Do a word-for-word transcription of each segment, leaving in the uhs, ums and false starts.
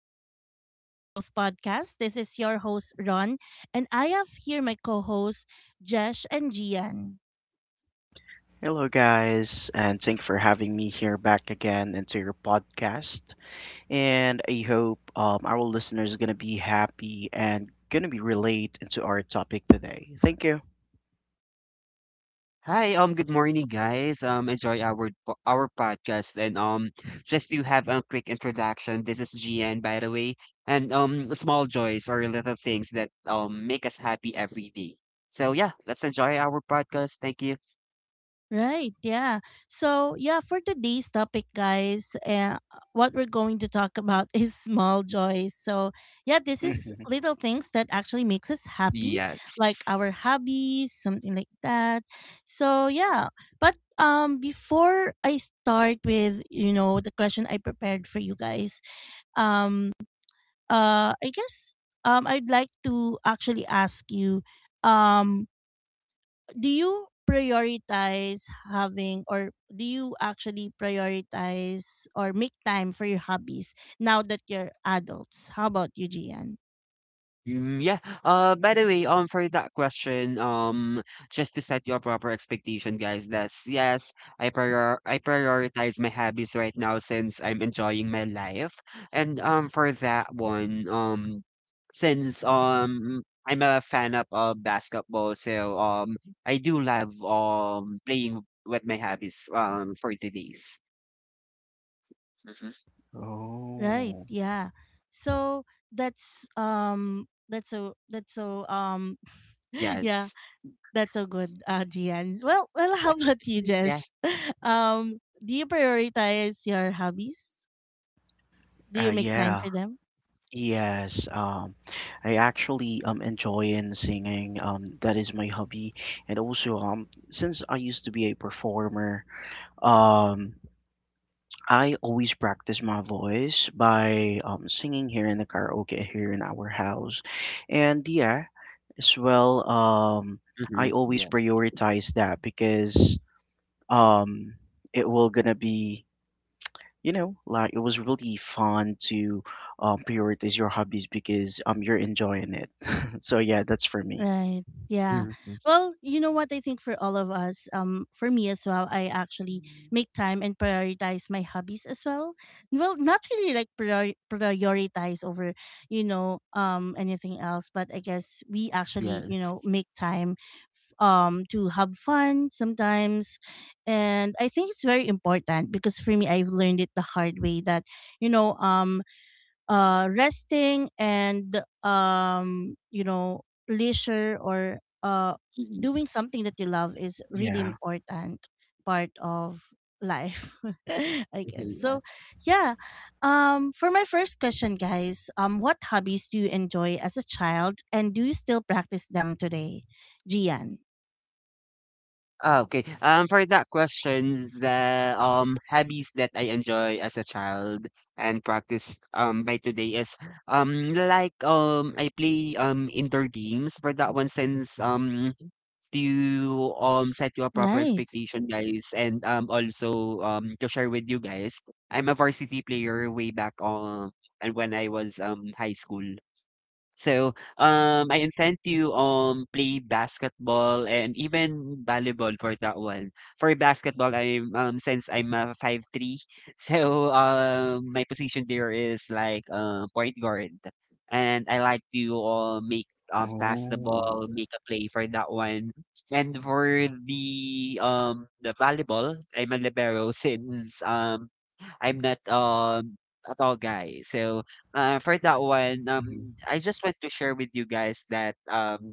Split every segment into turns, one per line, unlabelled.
to Unfiltered Growth Podcast. This is your host, Ron, and I have here my co hosts, Jesh and Gian.
Hello, guys, and thank you for having me here back again into your podcast. And I hope um, our listeners are going to be happy and going to be relate into our topic today. Thank you.
Hi, um, good morning, guys. Um, enjoy our po- our podcast, and um, just to have a quick introduction, this is G N, by the way, and um, small joys or little things that um make us happy every day. So yeah, let's enjoy our podcast. Thank you.
Right, yeah. So, yeah, for today's topic, guys, uh, what we're going to talk about is small joys. So, yeah, this is
Mhm.
little things that actually makes us happy, like
Yes.
our hobbies, something like that. So, yeah. But um before I start with, you know, the question I prepared for you guys, um uh, I guess um, I'd like to actually ask you um, do you prioritize having or do you actually prioritize or make time for your hobbies now that you're adults? How about you, Gian?
Mm, yeah. Uh, by the way, um, for that question, um, just to set your proper expectation, guys, that's yes, I prior I prioritize my hobbies right now since I'm enjoying my life. And um, for that one, um, since um I'm a fan of uh, basketball, so um I do love um playing with my hobbies um for today's. Mm-hmm.
Right,
Oh,
yeah. So that's um that's so that's so um yeah
Yes.
that's so good, uh, Gian. Well, well, how about you,
Yeah.
Jesh? Um, do you prioritize your hobbies? Do
uh,
you make time
yeah.
for them?
Yes, um, I actually um enjoy in singing. Um, that is my hobby, and also um since I used to be a performer, um I always practice my voice by um, singing here in the karaoke here in our house. And yeah, as well, um,
Mm-hmm.
I always
Yes.
prioritize that because um, it will gonna be, you know, like it was really fun to um, prioritize your hobbies because um, you're enjoying it. So yeah, that's for me.
Right, yeah.
Mm-hmm.
Well, you know what, I think for all of us, um for me as well, I actually make time and prioritize my hobbies as well. Well, not really like prior- prioritize over, you know, um anything else, but I guess we actually, you
Yes.
know, make time f- um to have fun sometimes. And I think it's very important because for me I've learned it the hard way that, you know um uh, resting and, um, you know, leisure or uh,
Mhm.
doing something that you love is really
Yeah.
important part of life. I guess so.
Yes.
yeah um for my first question, guys, um what hobbies do you enjoy as a child and do you still practice them today, Gian?
Ah, okay. Um, for that questions, the um hobbies that I enjoy as a child and practice um by today is um like um I play um indoor games for that one, since um to um set you a proper
Nice.
expectation, guys, and um also um to share with you guys, I'm a varsity player way back, um and when I was um high school. So, um, I intend to um play basketball and even volleyball for that one. For basketball, I'm um since I'm a five three, so um my position there is like uh, point guard, and I like to uh, make, um pass the
Oh.
ball, make a play for that one. And for the um the volleyball, I'm a libero. Since um I'm not um a tall guy, so uh, for that one,
Mm-hmm.
um, I just want to share with you guys that um,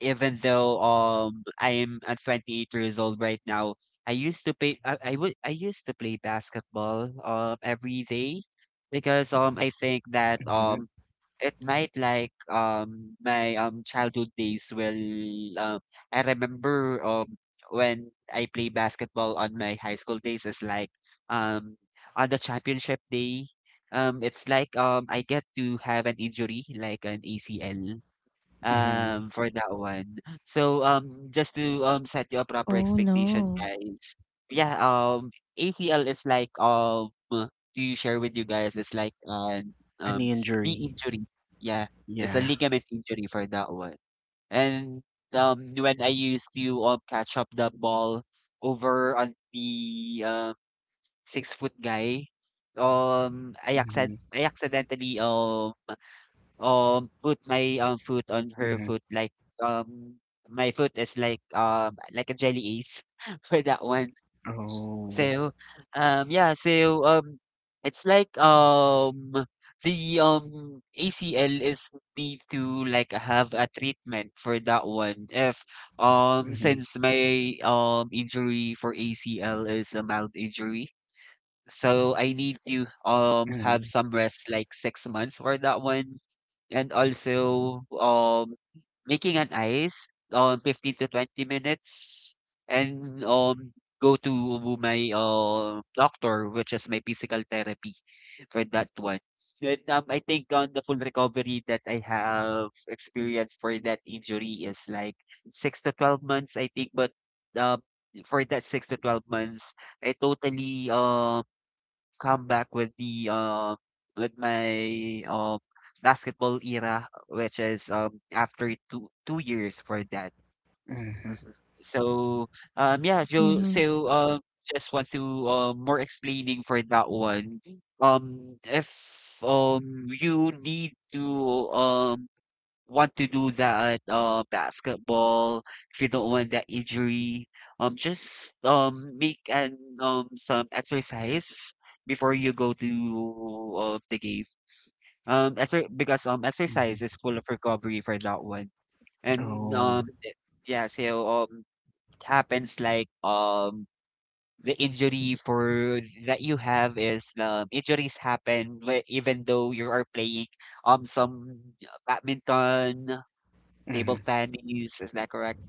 even though um, I am at twenty-eight years old right now, I used to play. I, I would. I used to play basketball um every day because um I think that
Mm-hmm.
um it might, like um my um childhood days will, um I remember um when I play basketball on my high school days is like, um on the championship day, um it's like um I get to have an injury like an A C L,
Mm-hmm.
um, for that one. So, um, just to um set you a proper
Oh
expectation,
no.
guys. Yeah, um, A C L is like, um to share with you guys, is like an um
Any
knee
injury?
injury. Yeah, it's a
Yeah.
ligament injury for that one. And um, when I used to um catch up the ball over on the um six foot guy, um, I accent
Mm-hmm.
I accidentally um um put my um foot on her
Mm-hmm.
foot, like um my foot is like, um like a jelly ace. For that one.
Oh.
So um yeah, so um it's like um the um A C L is need to like have a treatment for that one, if um
Mhm,
since my um injury for A C L is a mild injury. So I need to um have
mhm,
some rest like six months for that one, and also, um, making an ice on fifteen to twenty minutes, and um, go to my uh, doctor, which is my physical therapy for that one. Then, um, I think on the full recovery that I have experienced for that injury is like six to twelve months, I think. But uh, for that six to twelve months, I totally um come back with the, um with my um basketball era, which is um after two two years for that.
mhm,
Mhm. So um yeah, Joe.
Mm-hmm.
So um just want to uh, more explaining for that one. Um, if um you need to um want to do that uh basketball, if you don't want that injury, um just um make an, um some exercise before you go to uh, the game, um exer- because um exercise
mhm.
is full of recovery for that one. And
Oh.
um it- yeah, so um it happens like, um the injury for that you have is, um injuries happen, whe- even though you are playing um some uh, badminton, table
Mhm.
tennis. Is that correct?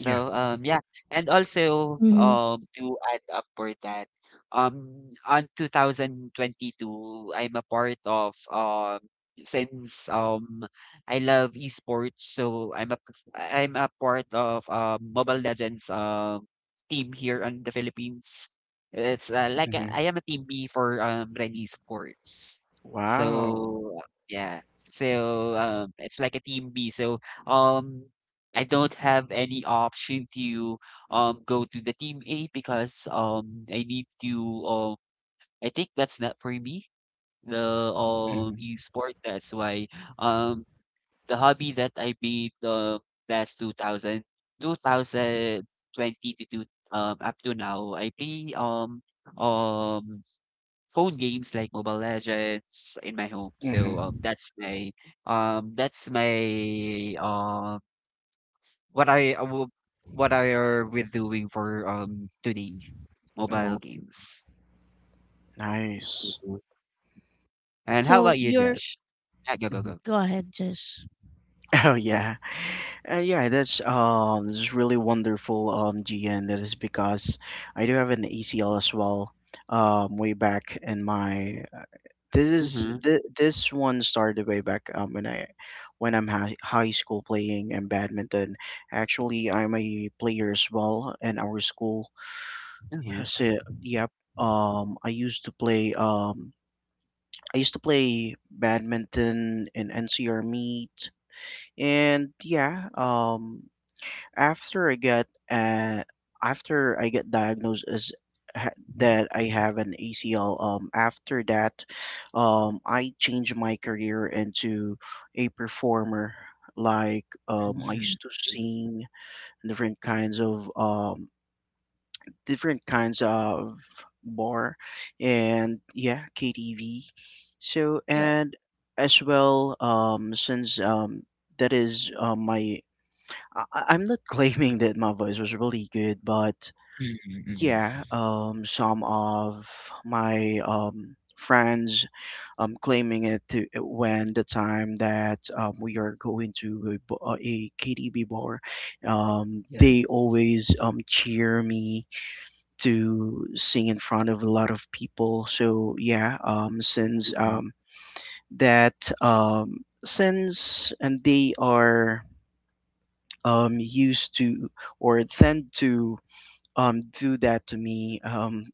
Yeah.
um, yeah, and also,
Mm-hmm.
um, to add up for that, um, on two thousand twenty-two, I'm a part of, um, since, um, I love esports, so I'm a, a I'm a part of, um, Mobile Legends, um, team here in the Philippines. It's, uh, like, uh,
Mhm.
I am a team B for, um, Ren Esports.
Wow.
So, uh, yeah, so, um, it's like a team B. So, um, I don't have any option to um go to the team A because um I need to, um I think that's not for me, the um
Mhm,
e-sport. That's why, um the hobby that I made um last two thousand two thousand twenty to two, um up to now I play um um phone games like Mobile Legends in my home, so um
mhm.
that's my, um that's my um what I, uh, wo- what I are we doing for um today?
Oh,
Mobile games.
nice.
Mhm. And how
So
about you,
you're
Jesh? Yeah, go, go,
Mhm.
go.
go ahead, Jish.
Oh yeah, uh, yeah. That's um, This is really wonderful, um, G N. That is because I do have an A C L as well. Um, way back in my this is
Mm-hmm.
th- this one started way back um when I when I'm high, high school playing in badminton. Actually, I'm a player as well in our school. Yeah,
Mm-hmm.
so, yep. Um, I used to play. Um, I used to play badminton in N C R meet, and yeah. Um, after I got uh, After I get diagnosed as ha- that I have an A C L. Um, after that, um, I changed my career into a performer. Like, um, I
Mm-hmm.
used to sing different kinds of um different kinds of bar and yeah, K T V. So
Yes.
and as well, um, since um, that is uh, my, I- I- I'm not claiming that my voice was really good, but
Mm-hmm.
yeah, um, some of my um friends um claiming it to, when the time that um, we are going to a, b- uh, a K T V bar, um, they
Yes.
always um cheer me to sing in front of a lot of people. So yeah, um, since
Mm-hmm.
um, that um, since and they are um, used to or tend to um, do that to me. Um,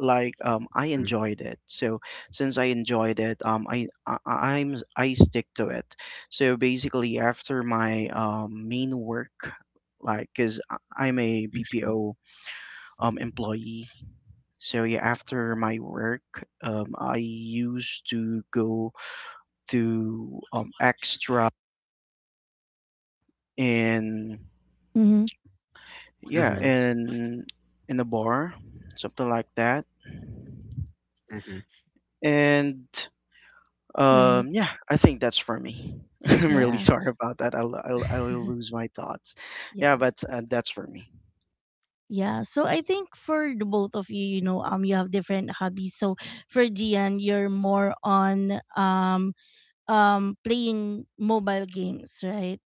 Like um, I enjoyed it. So since I enjoyed it, um, I, I I'm I stick to it. So basically, after my um, main work, like because I'm a B P O um, employee, so yeah, after my work, um, I used to go to um, extra and
Mm-hmm.
yeah
Mm-hmm.
and in a bar, something like that.
Mm-hmm.
And
Right.
um, yeah, I think that's for me. I'm really
Yeah.
sorry about that. I'll, I'll I'll lose my thoughts. Yeah,
Yes.
but uh, that's for me.
Yeah. So I think for the both of you, you know, um, you have different hobbies. So for Gian, you're more on um um playing mobile games, right?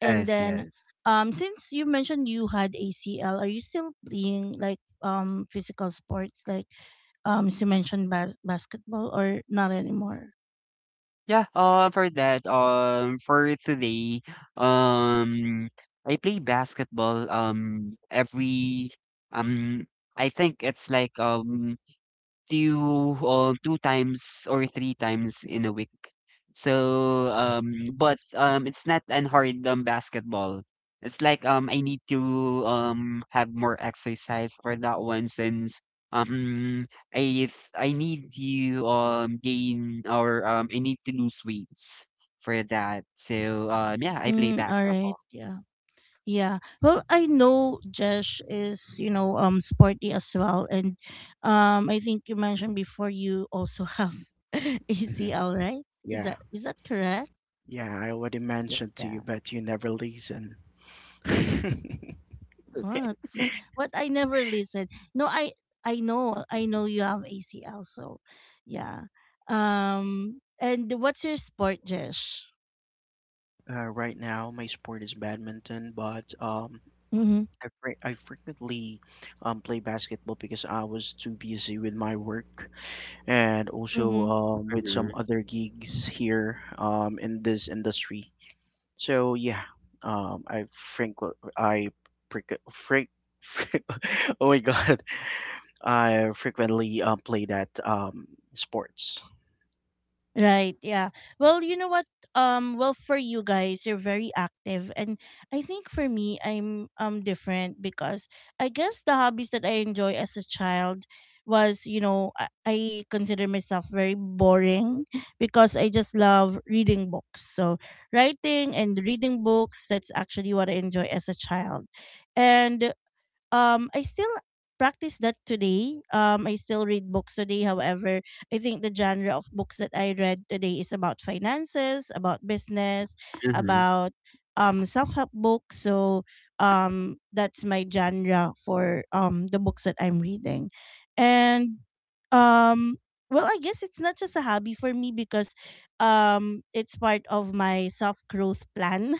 And
Yes,
then
yes.
um since you mentioned you had A C L, are you still playing like um physical sports like, um as you mentioned, bas- basketball, or not anymore?
Yeah, um for that, um for today, um I play basketball um every um I think it's like um to you, um, two times or three times in a week. So um, but um, it's not an hard, um, basketball. It's like, um, I need to um have more exercise for that one since, um I th- I need to um gain, or um I need to lose weights for that. So um yeah, I play
Mm, all right.
basketball.
Yeah. Yeah. Well, I know Jesh is, you know, um sporty as well, and um I think you mentioned before you also have
Mhm.
A C L, right? Is
Yeah,
that is that correct?
yeah. I already
Yeah.
mentioned to you, but you never listen.
What? N- What I never listened. No, I I know. I know you have A C L, so yeah. Um, and what's your sport, Jesh?
Uh, right now, my sport is badminton, but um,
Mhm.
I, fre- I frequently um, play basketball because I was too busy with my work and also
Mhm.
um, with
Mm-hmm.
some other gigs here um, in this industry. So yeah, um, I frequent I frequ freq oh my God, I frequently um, play that um, sports.
Right, yeah. Well, you know what? Um, well, for you guys, you're very active, and I think for me, I'm um different because I guess the hobbies that I enjoy as a child was, you know, I, I consider myself very boring because I just love reading books. So writing and reading books, that's actually what I enjoy as a child, and um I still practice that today. Um, I still read books today. However, I think the genre of books that I read today is about finances, about business,
Mm-hmm.
about um self-help books. So um that's my genre for um the books that I'm reading. And um well, I guess it's not just a hobby for me because um it's part of my self-growth plan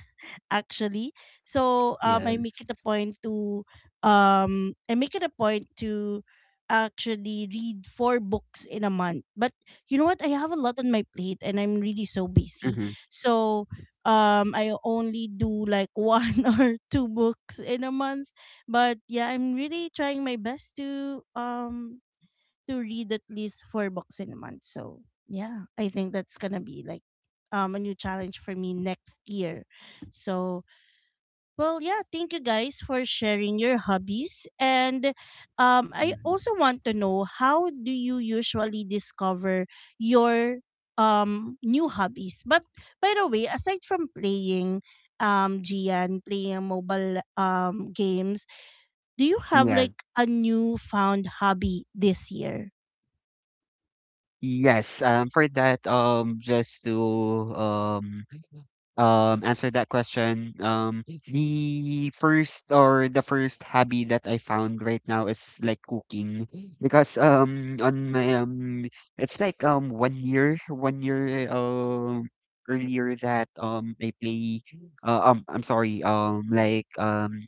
actually. So um, I
Hmm.
make
Yes.
it a point to um, I make it a point to actually read four books in a month. But you know what? I have a lot on my plate, and I'm really so busy. So um, I only do like one or two books in a month. But yeah, I'm really trying my best to um to read at least four books in a month. So yeah, I think that's gonna be like um a new challenge for me next year. So well, yeah, thank you guys for sharing your hobbies. And um, I
Hmm.
also want to know how do you usually discover your um, new hobbies? But by the way, aside from playing um, Gian, playing mobile um, games, do you have
Mm-hmm.
like a newfound hobby this year?
Yes, um, for that, um, just to um, um, answer that question, um, the first or the first hobby that I found right now is like cooking because um on my, um it's like um one year one year um earlier, that um I play, uh, um I'm sorry, um like um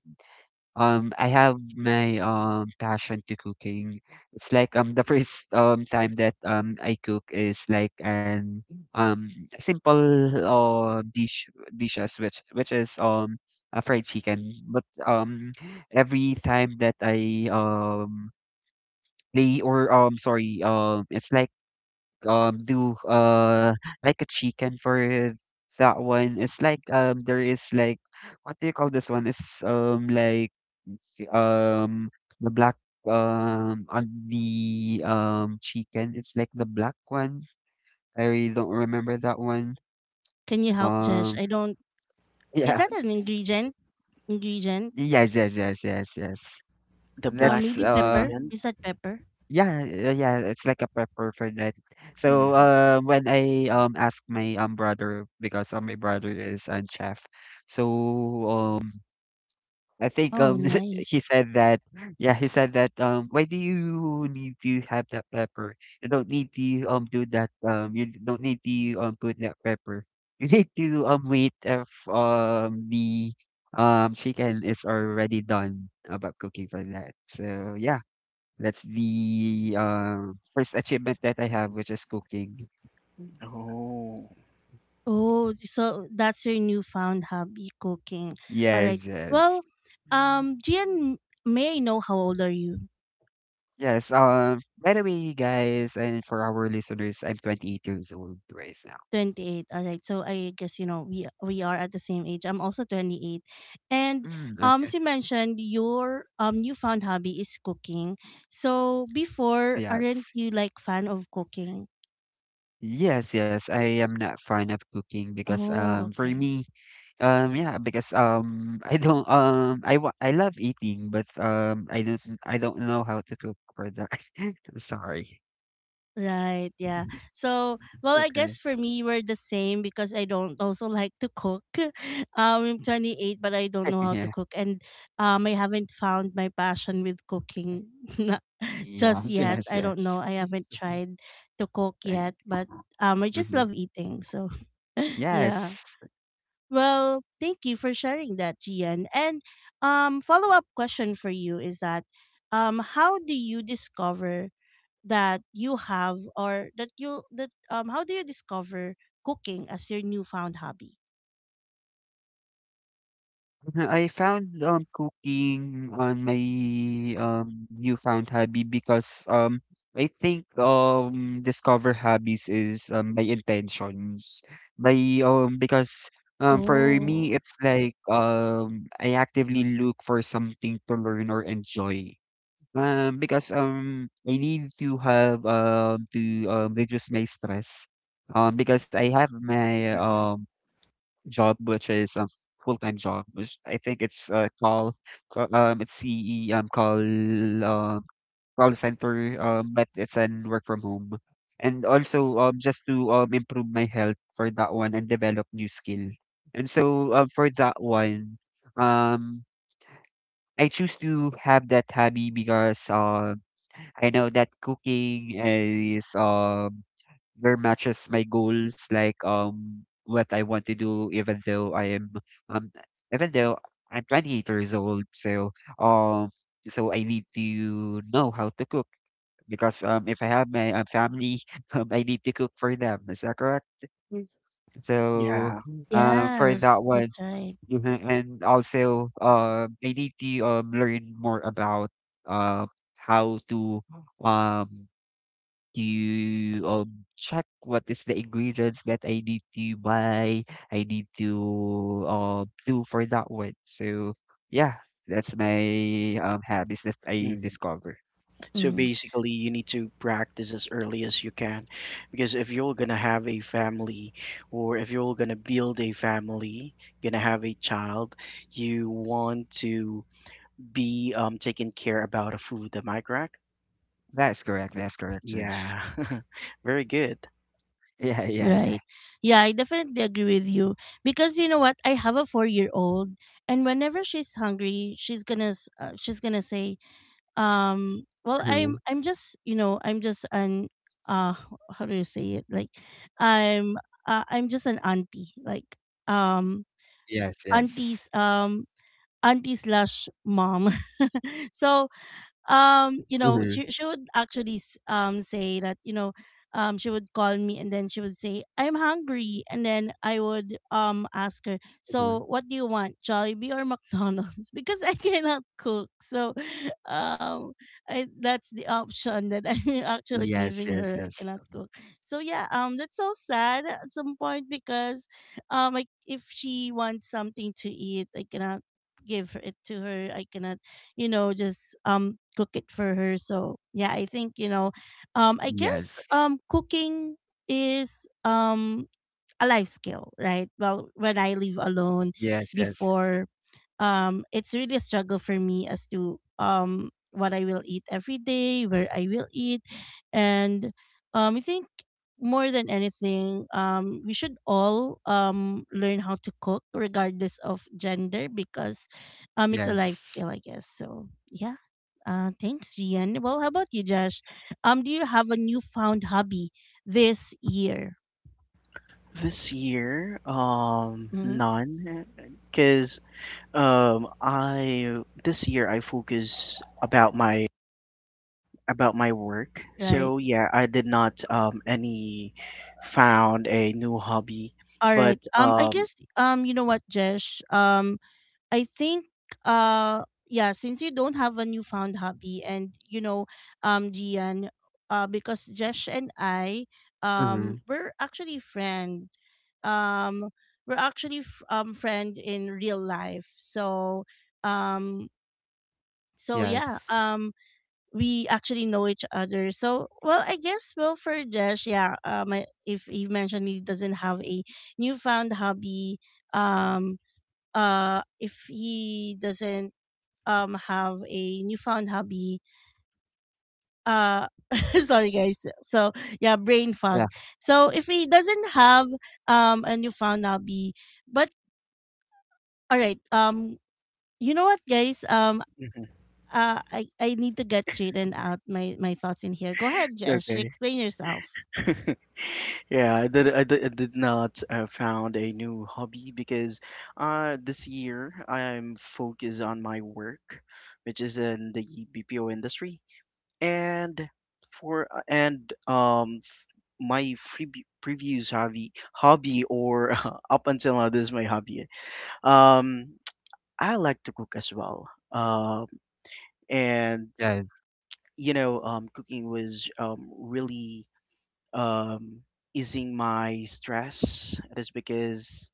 um, I have my um passion to cooking. It's like um the first um time that um I cook is like an um simple uh, dish dishes, which which is um a fried chicken. But um every time that I, um play, or um sorry, um it's like um do, uh like a chicken for that one. It's like um there is like, what do you call this one? It's um like, um, the black, um, on the, um, chicken. It's like the black one. I really don't remember that one.
Can you help, Jesh?
Um,
I don't. Is
yeah.
that an ingredient? Ingredient?
Yes, yes, yes, yes, yes.
The
Uh,
black
That's,
maybe
uh,
pepper?
ingredient.
Is that pepper?
yeah, yeah, yeah, it's like a pepper for that. So,
Hmm.
uh, when I, um, asked my, um, brother, because, uh, my brother is a chef, so, um, I think
Oh,
um
nice.
he said that, yeah, he said that um why do you need to have that pepper? You don't need to um do that, um you don't need to um put that pepper. You need to um wait if um the um chicken is already done about cooking for that. So yeah, that's the um first achievement that I have, which is cooking.
Oh.
Oh, so that's your newfound hobby, cooking. All right.
Yes, yes.
Well, um, Gian, may I know how old are you?
Yes, um, by the way, guys, and for our listeners, I'm twenty-eight years old right now.
twenty-eight. All right. So I guess, you know, we we are at the same age. I'm also twenty-eight. And
Mm,
um,
okay.
as you mentioned, your um newfound hobby is cooking. So before, aren't
Yes.
you like fan of cooking?
Yes, yes. I am not fond of cooking because,
Oh,
um for
okay.
me, um yeah, because um I don't um I wa- I love eating but um I don't I don't know how to cook for that. I'm sorry.
Right, yeah. So,
It's
well, I guess
okay.
for me, we're the same because I don't also like to cook. Um, I'm twenty-eight, but I don't know how to
Yeah.
cook, and um, I haven't found my passion with cooking na- just
Yes,
yet.
yes,
I don't know.
yes.
I haven't tried to cook
Thank.
yet, but um, I just
Mhm.
love eating. So, yeah.
Yes.
Well, thank you for sharing that, Gian. And um, follow up question for you is that, um, how do you discover that you have or that you that um how do you discover cooking as your newfound hobby?
Uh, I found, um, cooking on my, um, newfound hobby because, um, I think, um, discover hobbies is, um, my intentions. By um, because, um, for
Oh.
me, it's like, um, I actively look for something to learn or enjoy. Um, because, um, I need to have, um, to, um, reduce my stress. Um, because I have my,
Hmm.
um, job, which is um full-time job, which I think it's, uh call, ca- um it's CE, um call, um call center, um but it's an work from home. And also um just to um improve my health for that one and develop new skill. And so um for that one, um I choose to have that hobby because um I know that cooking is um very matches my goals, like um what I want to do, even though I am um even though I'm twenty-eight years old, so um so I need to know how to cook because um if I have my, um, family, um I need to cook for them. Is that correct? Mm. So
Yeah.
um for that
Yes, that's
one.
right.
Mhm, and also um I need to um learn more about, uh how to, um to um check what is the ingredients that I need to buy, I need to um do for that one. So yeah, that's my um habits that
Yeah.
I
Mm.
discover.
So
Mm,
basically, you need to practice as early as you can, because if you're gonna have a family, or if you're gonna build a family, gonna have a child, you want to be um taken care about of food. Am I correct?
That's correct. That's correct, Josh.
Yeah. Very good.
Yeah, yeah, yeah.
right. Yeah, I definitely agree with you, because you know what? I have a four-year-old, and whenever she's hungry, she's gonna s- uh, she's gonna say, um, "Well, I'm
Mhm.
I'm just, you know, I'm just an uh how do you say it? Like, I'm uh, I'm just an auntie. Like, um,
Yes, yes.
aunties. Um, auntie slash mom." So um you know,
Hmm,
she, she would actually s- um say that, you know, um she would call me and then she would say, "I'm hungry," and then I would um ask her, "So
hmm.
what do you want, Jollibee or McDonald's?" Because I cannot cook, so um I, that's the option that I'm actually
Yes,
giving
yes,
her. I
yes.
cannot cook. So yeah, um that's so sad at some point, because um like if she wants something to eat, I cannot give it to her. I cannot, you know, just um cook it for her. So yeah, I think, you know, um I guess
Yes.
um cooking is um a life skill, right? Well, when I live alone
Yes, yes,
before, um it's really a struggle for me as to um what I will eat every day, where I will eat, and um I think more than anything, um we should all um learn how to cook regardless of gender, because um it's a life skill,
yes.
I guess. So yeah. Uh, thanks, Gian. Well, how about you, Josh? Um, do you have a newfound hobby this year?
This year, um,
Mm-hmm.
none, because um I this year I focus about my about my work.
Right.
So yeah, I did not um any found a new hobby,
All
but
right. Um, I
um
guess um, you know what, Josh. Um, I think uh yeah, since you don't have a newfound hobby, and, you know, um Gian, uh because Jesh and I, um
Hmm.
we're actually friend. Um we're actually f- um Friend in real life. So um so yeah,
Yes.
um we actually know each other. So well, I guess, well, for Jesh, yeah, um I- if he mentioned he doesn't have a newfound hobby, um uh if he doesn't um have a newfound hobby, uh sorry guys, so yeah, brain fog.
Yeah,
So if he doesn't have um a newfound hobby, but all right, um you know what guys, um
Mhm.
uh i i need to get straightened out my my thoughts in here. Go ahead,
It's
Jesh,
okay.
explain yourself.
Yeah, I did. I did, I did not uh, found a new hobby because uh, this year I'm focused on my work, which is in the B P O industry, and for uh, and um my free previous hobby hobby or up until now this is my hobby um I like to cook as well um and
yes.
you know um cooking was um really um easing my stress that is because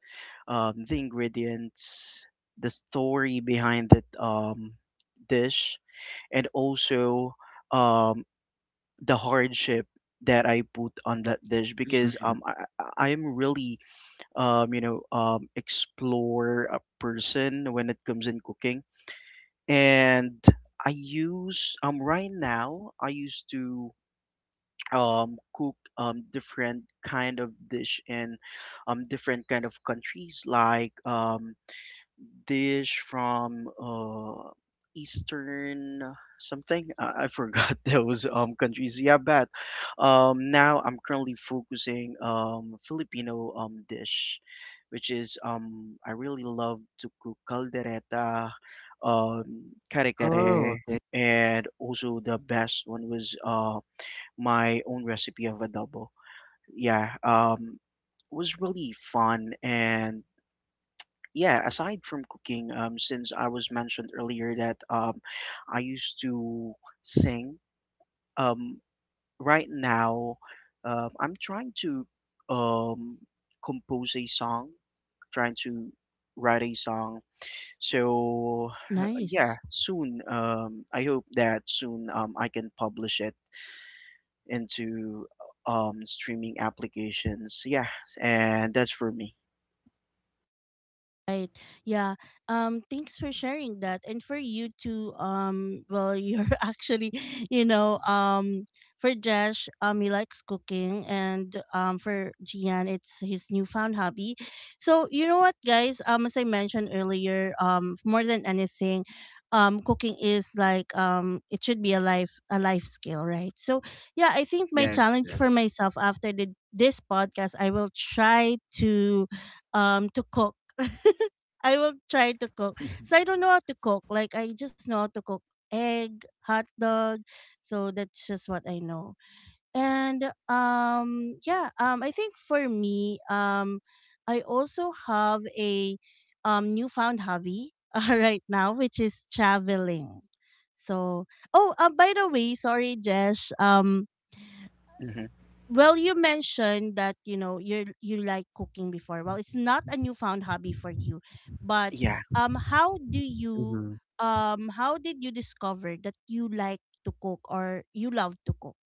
um the ingredients the story behind that um dish and also um the hardship that I put on that dish because
Mhm.
um I I I am really um, you know, um, explore a person when it comes in cooking. And I use um right now I used to um cook um different kind of dish in um different kind of countries like um dish from uh Eastern something. I, I forgot those um countries. Yeah, but um now I'm currently focusing um Filipino um dish, which is um I really love to cook caldereta, um kare
Oh,
kare,
okay.
and also the best one was uh my own recipe of adobo. Yeah, um it was really fun and yeah, aside from cooking, um, since I was mentioned earlier that um, I used to sing. Um, right now, um, I'm trying to um, compose a song, trying to write a song. So uh,
Nice.
yeah, soon. Um, I hope that soon um, I can publish it into um, streaming applications. Yeah, and that's for me.
Right. Yeah. Um, thanks for sharing that. And for you to, um well, you're actually, you know, um for Josh, um he likes cooking, and um for Gian, it's his newfound hobby. So you know what, guys, um as I mentioned earlier, um more than anything, um cooking is like, um it should be a life a life skill, right? So yeah, I think my
Yes,
challenge for
yes.
myself after the, this podcast, I will try to um to cook. I will try to cook. So I don't know how to cook. Like, I just know how to cook egg, hot dog. So that's just what I know. And um yeah, um I think for me, um I also have a um newfound hobby, uh, right now, which is traveling. So oh, uh, by the way, sorry Jesh. Um,
Mhm.
well, you mentioned that, you know, you you like cooking before. Well, it's not a newfound hobby for you, but
Yeah.
um, how do you
Mm-hmm.
um how did you discover that you like to cook or you love to cook?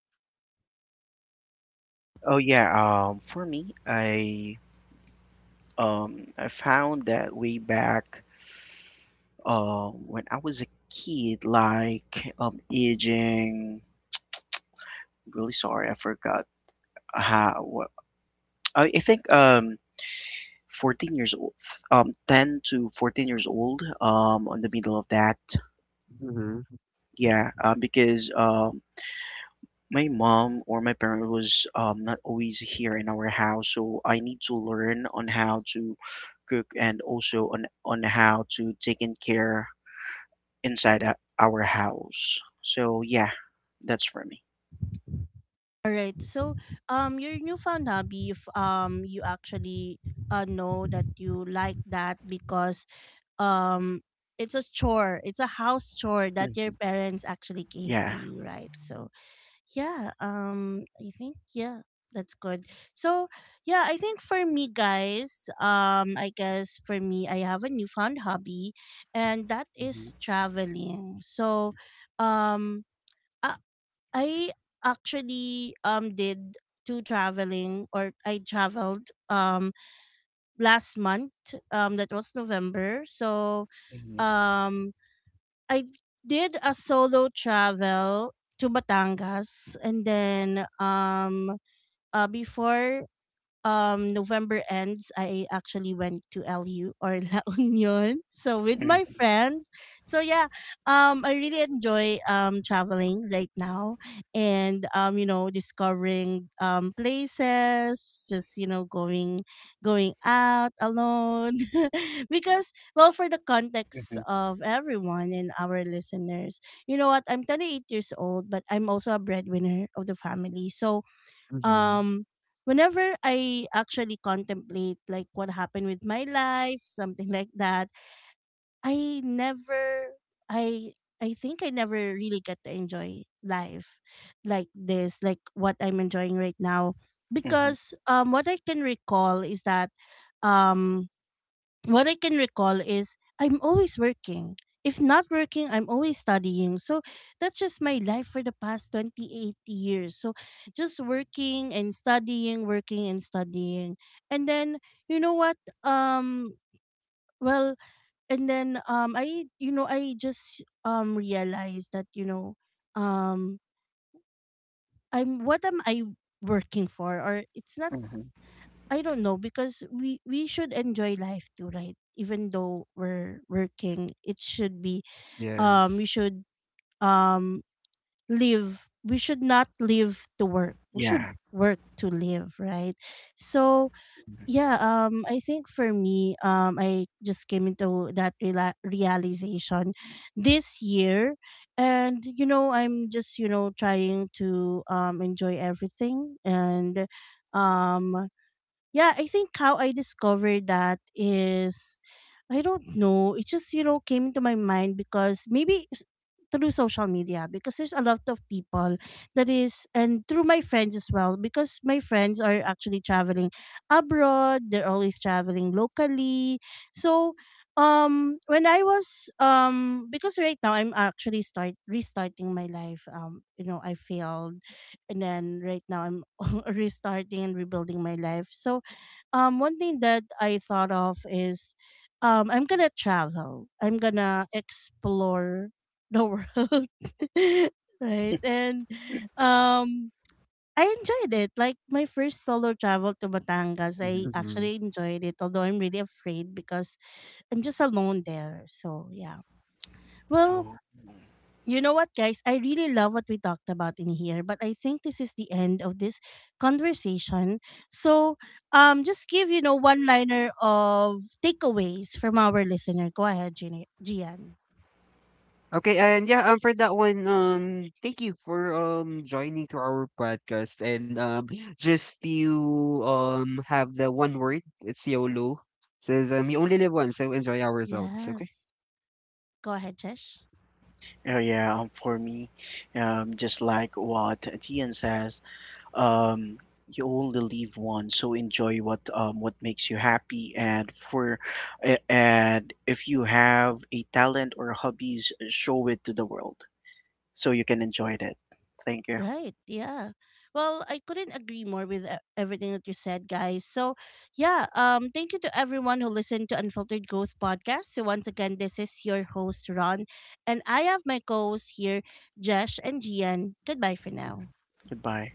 Oh, yeah. Um, for me, I Um, I found that way back um, when I was a kid, like um, aging. Really sorry, I forgot how. What, I, I think um, fourteen years old, um, ten to fourteen years old, um, on the middle of that.
Mm-hmm.
Yeah, uh, because um, my mom or my parent was um, not always here in our house, so I need to learn on how to cook and also on on how to take in care inside o- our house. So yeah, that's for me.
All right. So um, your newfound hobby, if um you actually uh know that you like that because um it's a chore, it's a house chore that your
Hmm.
parents actually gave
Yeah.
to you, right? So yeah, um I think, yeah, that's good. So yeah, I think for me, guys, um I guess for me, I have a newfound hobby, and that
Hmm.
is traveling. So um i, I actually um did two traveling, or I traveled um last month. Um that was November. So
Hmm.
um I did a solo travel to Batangas, and then um uh before um November ends, I actually went to L U, or La Union. So, with my
Hmm.
friends. So yeah, um I really enjoy um traveling right now, and um you know, discovering um places, just, you know, going going out alone. Because, well, for the context of everyone and our listeners, you know what, I'm twenty-eight years old, but I'm also a breadwinner of the family. So
Mm-hmm.
um whenever I actually contemplate, like, what happened with my life, something like that, I never I I think I never really get to enjoy life like this, like what I'm enjoying right now.
Hmm. Hmm.
Because um what I can recall is that um what I can recall is I'm always working. If not working, I'm always studying. So that's just my life for the past twenty-eight years. So just working and studying, working and studying. And then, you know what? Um, well, and then um I, you know, I just um realized that, you know, um I'm, what am I working for? Or it's not,
Hmm.
I don't know. Because we we should enjoy life too, right? Even though we're working, it should be um we
Yes.
should um live. We should not live to work. We
Yeah.
should work to live, right? So yeah, um, I think for me, um, I just came into that rela- realization this year, and, you know, I'm just, you know, trying to um enjoy everything. And um yeah, I think how I discovered that is, I don't know. It just, you know, came into my mind because maybe s- through social media, because there's a lot of people that is, and through my friends as well, because my friends are actually traveling abroad. They're always traveling locally. So um when I was um because right now I'm actually start restarting my life, um you know, I failed, and then right now I'm restarting and rebuilding my life. So um one thing that I thought of is, um I'm gonna travel. I'm gonna explore the world. Right. And um I enjoyed it. Like my first solo travel to Batangas, I
Hmm.
Mhm.
actually enjoyed it, although I'm really afraid because I'm just alone there. So yeah. Well,
Oh.
you know what, guys? I really love what we talked about in here, but I think this is the end of this conversation. So, um, just give, you know, one liner of takeaways from our listener. Go ahead, Gina- Gian.
Okay, and yeah, um, for that one, um, thank you for um joining to our podcast, and um, just you um have the one word, it's YOLO. Says, um, you only live once, so enjoy ourselves. Okay.
Yes, go ahead, Chesh.
Oh yeah, um, for me, um, just like what Tian says, um, you only live once, so enjoy what um what makes you happy. And for a- and if you have a talent or hobbies, show it to the world so you can enjoy it. Thank you.
Right. Yeah. Well, I couldn't agree more with e- everything that you said, guys. So, yeah, um thank you to everyone who listened to Unfiltered Growth podcast. So, once again, this is your host Ron, and I have my co-hosts here, Jesh and Gian. Goodbye for
Mhm.
now.
Goodbye.